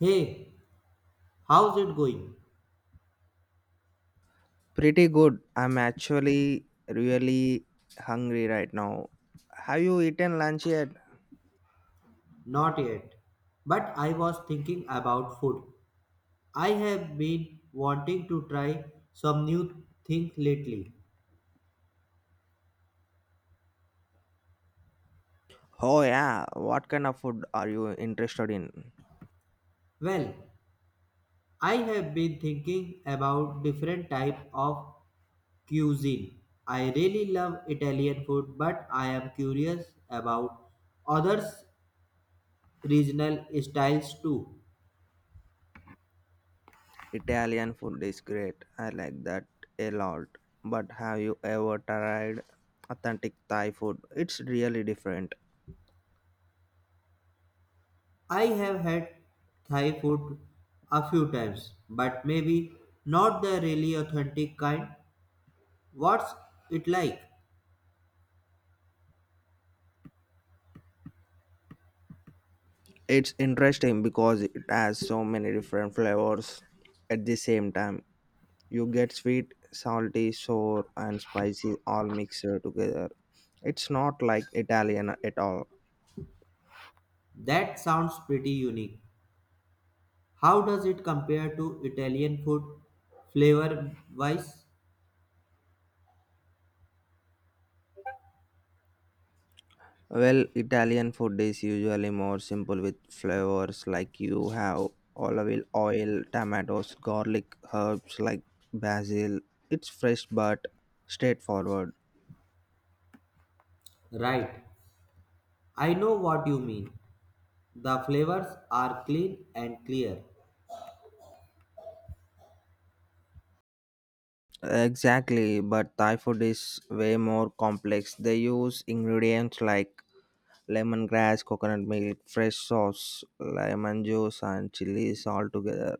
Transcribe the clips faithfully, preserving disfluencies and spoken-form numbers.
Hey, how's it going? Pretty good. I'm actually really hungry right now. Have you eaten lunch yet? Not yet. But I was thinking about food. I have been wanting to try some new thing lately. Oh, yeah. What kind of food are you interested in? Well, I have been thinking about different type of cuisine. I really love Italian food, but I am curious about others regional styles too. Italian food is great. I like that a lot. But have you ever tried authentic Thai food? It's really different. I have had Thai food a few times, but maybe not the really authentic kind. What's it like? It's interesting because it has so many different flavors at the same time. You get sweet, salty, sour, and spicy all mixed together. It's not like Italian at all. That sounds pretty unique. How does it compare to Italian food flavor wise? Well, Italian food is usually more simple with flavors like you have olive oil, tomatoes, garlic, herbs like basil. It's fresh but straightforward. Right. I know what you mean. The flavors are clean and clear. Exactly, but Thai food is way more complex. They use ingredients like lemongrass, coconut milk, fresh sauce, lemon juice, and chilies all together.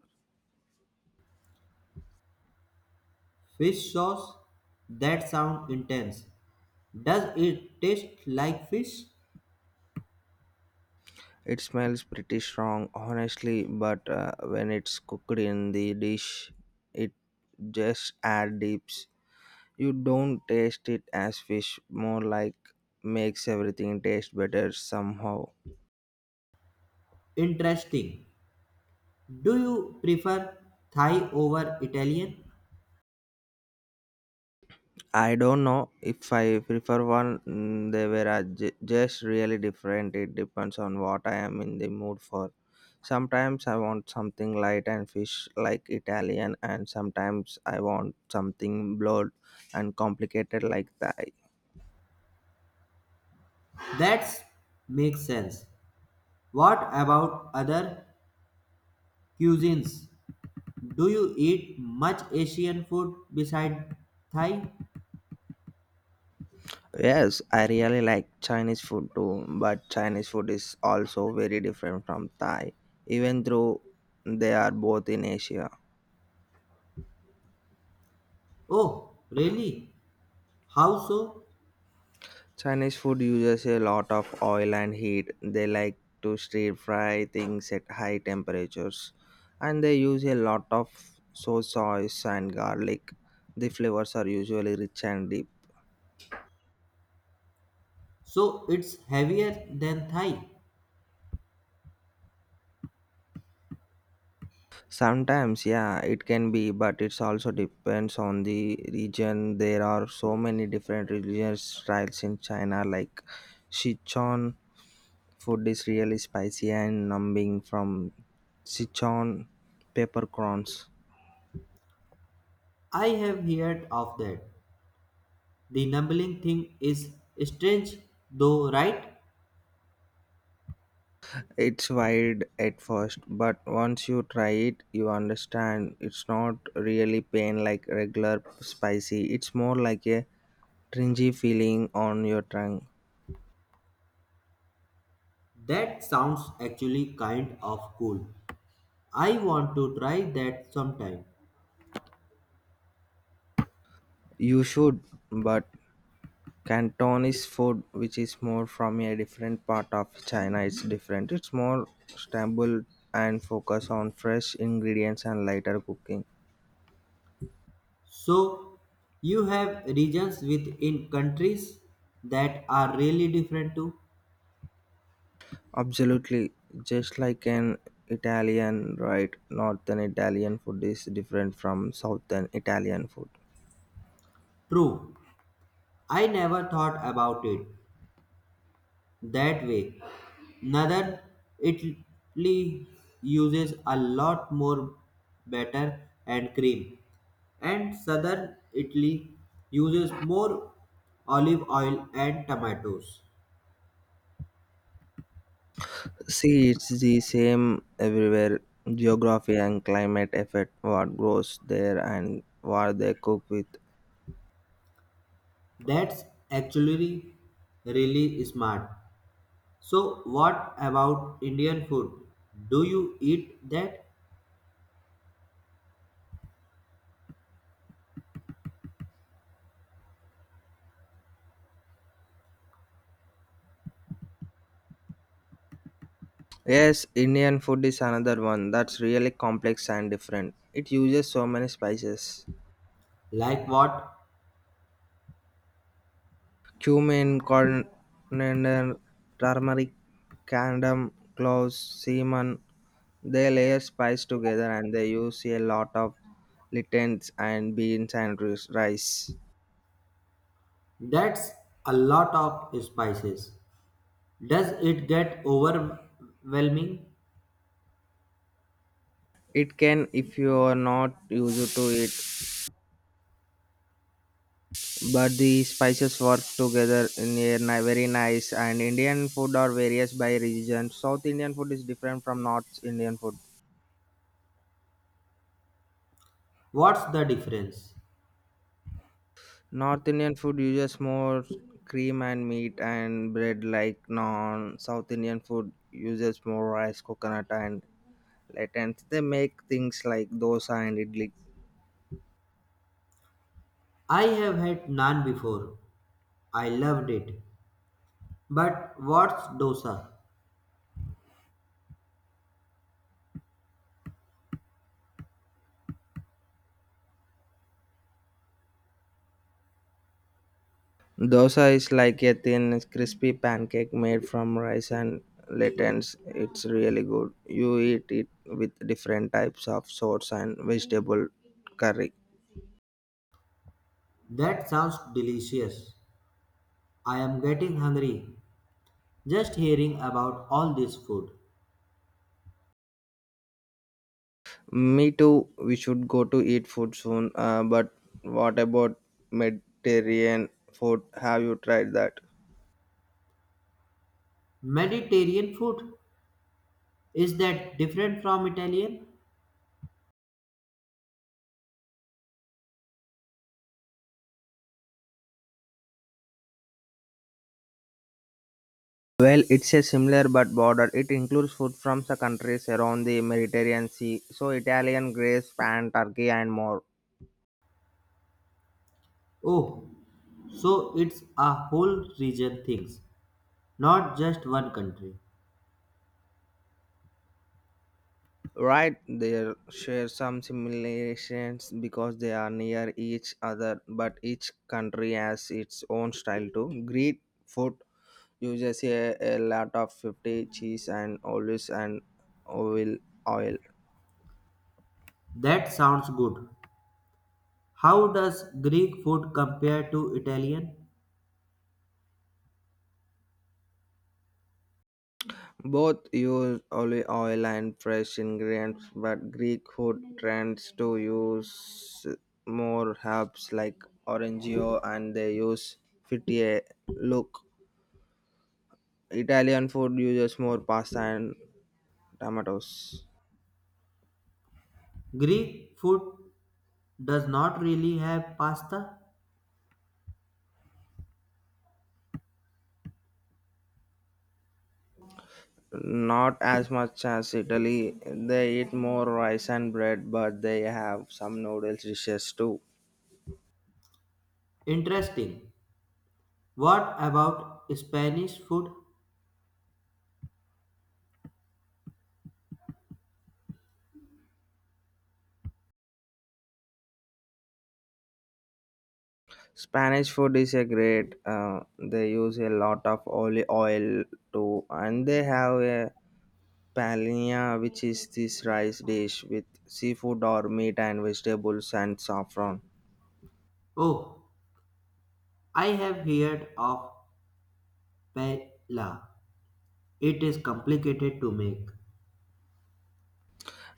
Fish sauce? That sounds intense. Does it taste like fish? It smells pretty strong, honestly, but uh, when it's cooked in the dish, it just adds dips. You don't taste it as fish, more like makes everything taste better somehow. Interesting. Do you prefer Thai over Italian? I don't know if I prefer one. mm, They were uh, ju- just really different. It depends on what I am in the mood for. Sometimes I want something light and fish like Italian, and sometimes I want something blood and complicated like Thai. That makes sense. What about other cuisines? Do you eat much Asian food beside Thai? Yes, I really like Chinese food too, but Chinese food is also very different from Thai, even though they are both in Asia. Oh, really? How so? Chinese food uses a lot of oil and heat. They like to stir fry things at high temperatures and they use a lot of soy sauce and garlic. The flavors are usually rich and deep. So it's heavier than Thai. Sometimes, yeah, it can be, but it's also depends on the region. There are so many different religious styles in China, like Sichuan food is really spicy and numbing from Sichuan peppercorns. I have heard of that. The numbling thing is strange though, right? It's wide at first, but once you try it, you understand it's not really pain like regular spicy. It's more like a tringy feeling on your tongue. That sounds actually kind of cool. I want to try that sometime. You should, but Cantonese food, which is more from a different part of China, it's different. It's more stable and focus on fresh ingredients and lighter cooking. So you have regions within countries that are really different too? Absolutely. Just like an Italian, right? Northern Italian food is different from Southern Italian food. True. I never thought about it that way. Northern Italy uses a lot more batter and cream, and southern Italy uses more olive oil and tomatoes. See, it's the same everywhere. Geography and climate affect what grows there and what they cook with. That's actually really smart. So, what about Indian food? Do you eat that? Yes, Indian food is another one that's really complex and different. It uses so many spices. Like what? Cumin, coriander, turmeric, candom, cloves, cinnamon. They layer spice together and they use a lot of littens and beans and ris- rice. That's a lot of spices. Does it get overwhelming? It can if you are not used to it, but the spices work together in a ni- very nice. And Indian food are various by region. South Indian food is different from North Indian food. What's the difference? North Indian food uses more cream and meat and bread like non South Indian food uses more rice, coconut and lentils. They make things like dosa and idli. I have had naan before. I loved it. But what's dosa? Dosa is like a thin, crispy pancake made from rice and lentils. It's really good. You eat it with different types of sauce and vegetable curry. That sounds delicious. I am getting hungry just hearing about all this food. Me too. We should go to eat food soon. Uh, but what about Mediterranean food? Have you tried that? Mediterranean food? Is that different from Italian? Well, it's a similar but border. It includes food from the countries around the Mediterranean Sea, so Italian, Greece, Spain, Turkey, and more. Oh, so it's a whole region things, not just one country. Right, they share some similarities because they are near each other, but each country has its own style too. Greek food uses a, a lot of fifty cheese and olives and olive oil. That sounds good. How does Greek food compare to Italian? Both use olive oil and fresh ingredients, but Greek food trends to use more herbs like orangeo and they use fifty look. Italian food uses more pasta and tomatoes. Greek food does not really have pasta? Not as much as Italy. They eat more rice and bread, but they have some noodles dishes too. Interesting. What about Spanish food? Spanish food is a great. Uh, they use a lot of olive oil too, and they have a paella, which is this rice dish with seafood or meat and vegetables and saffron. Oh, I have heard of paella. It is complicated to make.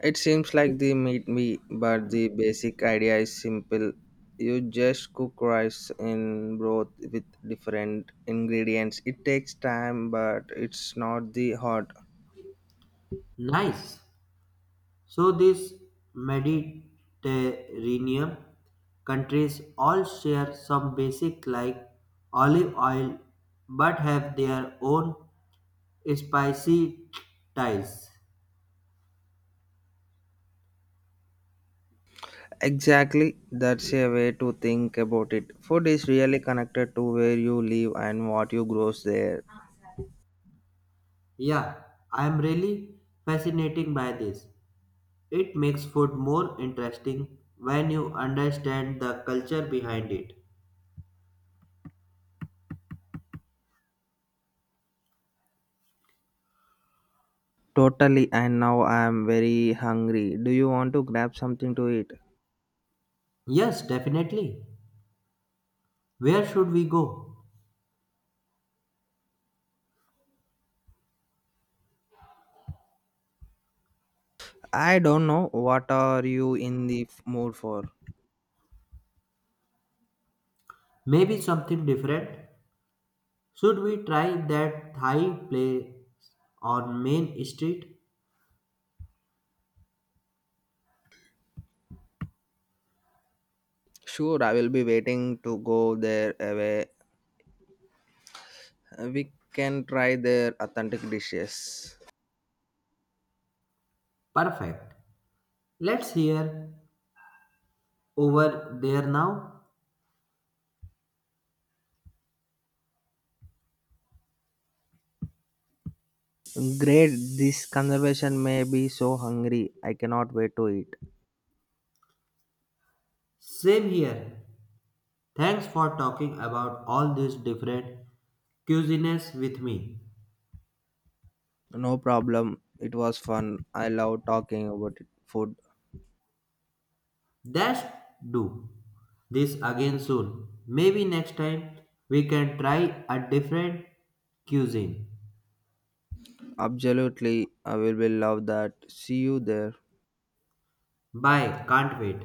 It seems like they meet me, but the basic idea is simple. You just cook rice in broth with different ingredients. It takes time, but it's not the hard. Nice. So these Mediterranean countries all share some basic like olive oil but have their own spicy ties. Exactly, that's a way to think about it. Food is really connected to where you live and what you grows there. Yeah, I am really fascinated by this. It makes food more interesting when you understand the culture behind it. Totally, and now I am very hungry. Do you want to grab something to eat? Yes, definitely. Where should we go? I don't know. What are you in the f- mood for? Maybe something different. Should we try that Thai place on Main Street? Sure, I will be waiting to go there away. We can try their authentic dishes. Perfect. Let's hear over there now. Great, this conversation may be so hungry. I cannot wait to eat. Same here. Thanks for talking about all these different cuisines with me. No problem. It was fun. I love talking about it. Food. Dash do this again soon. Maybe next time we can try a different cuisine. Absolutely, I will be love that. See you there. Bye, can't wait.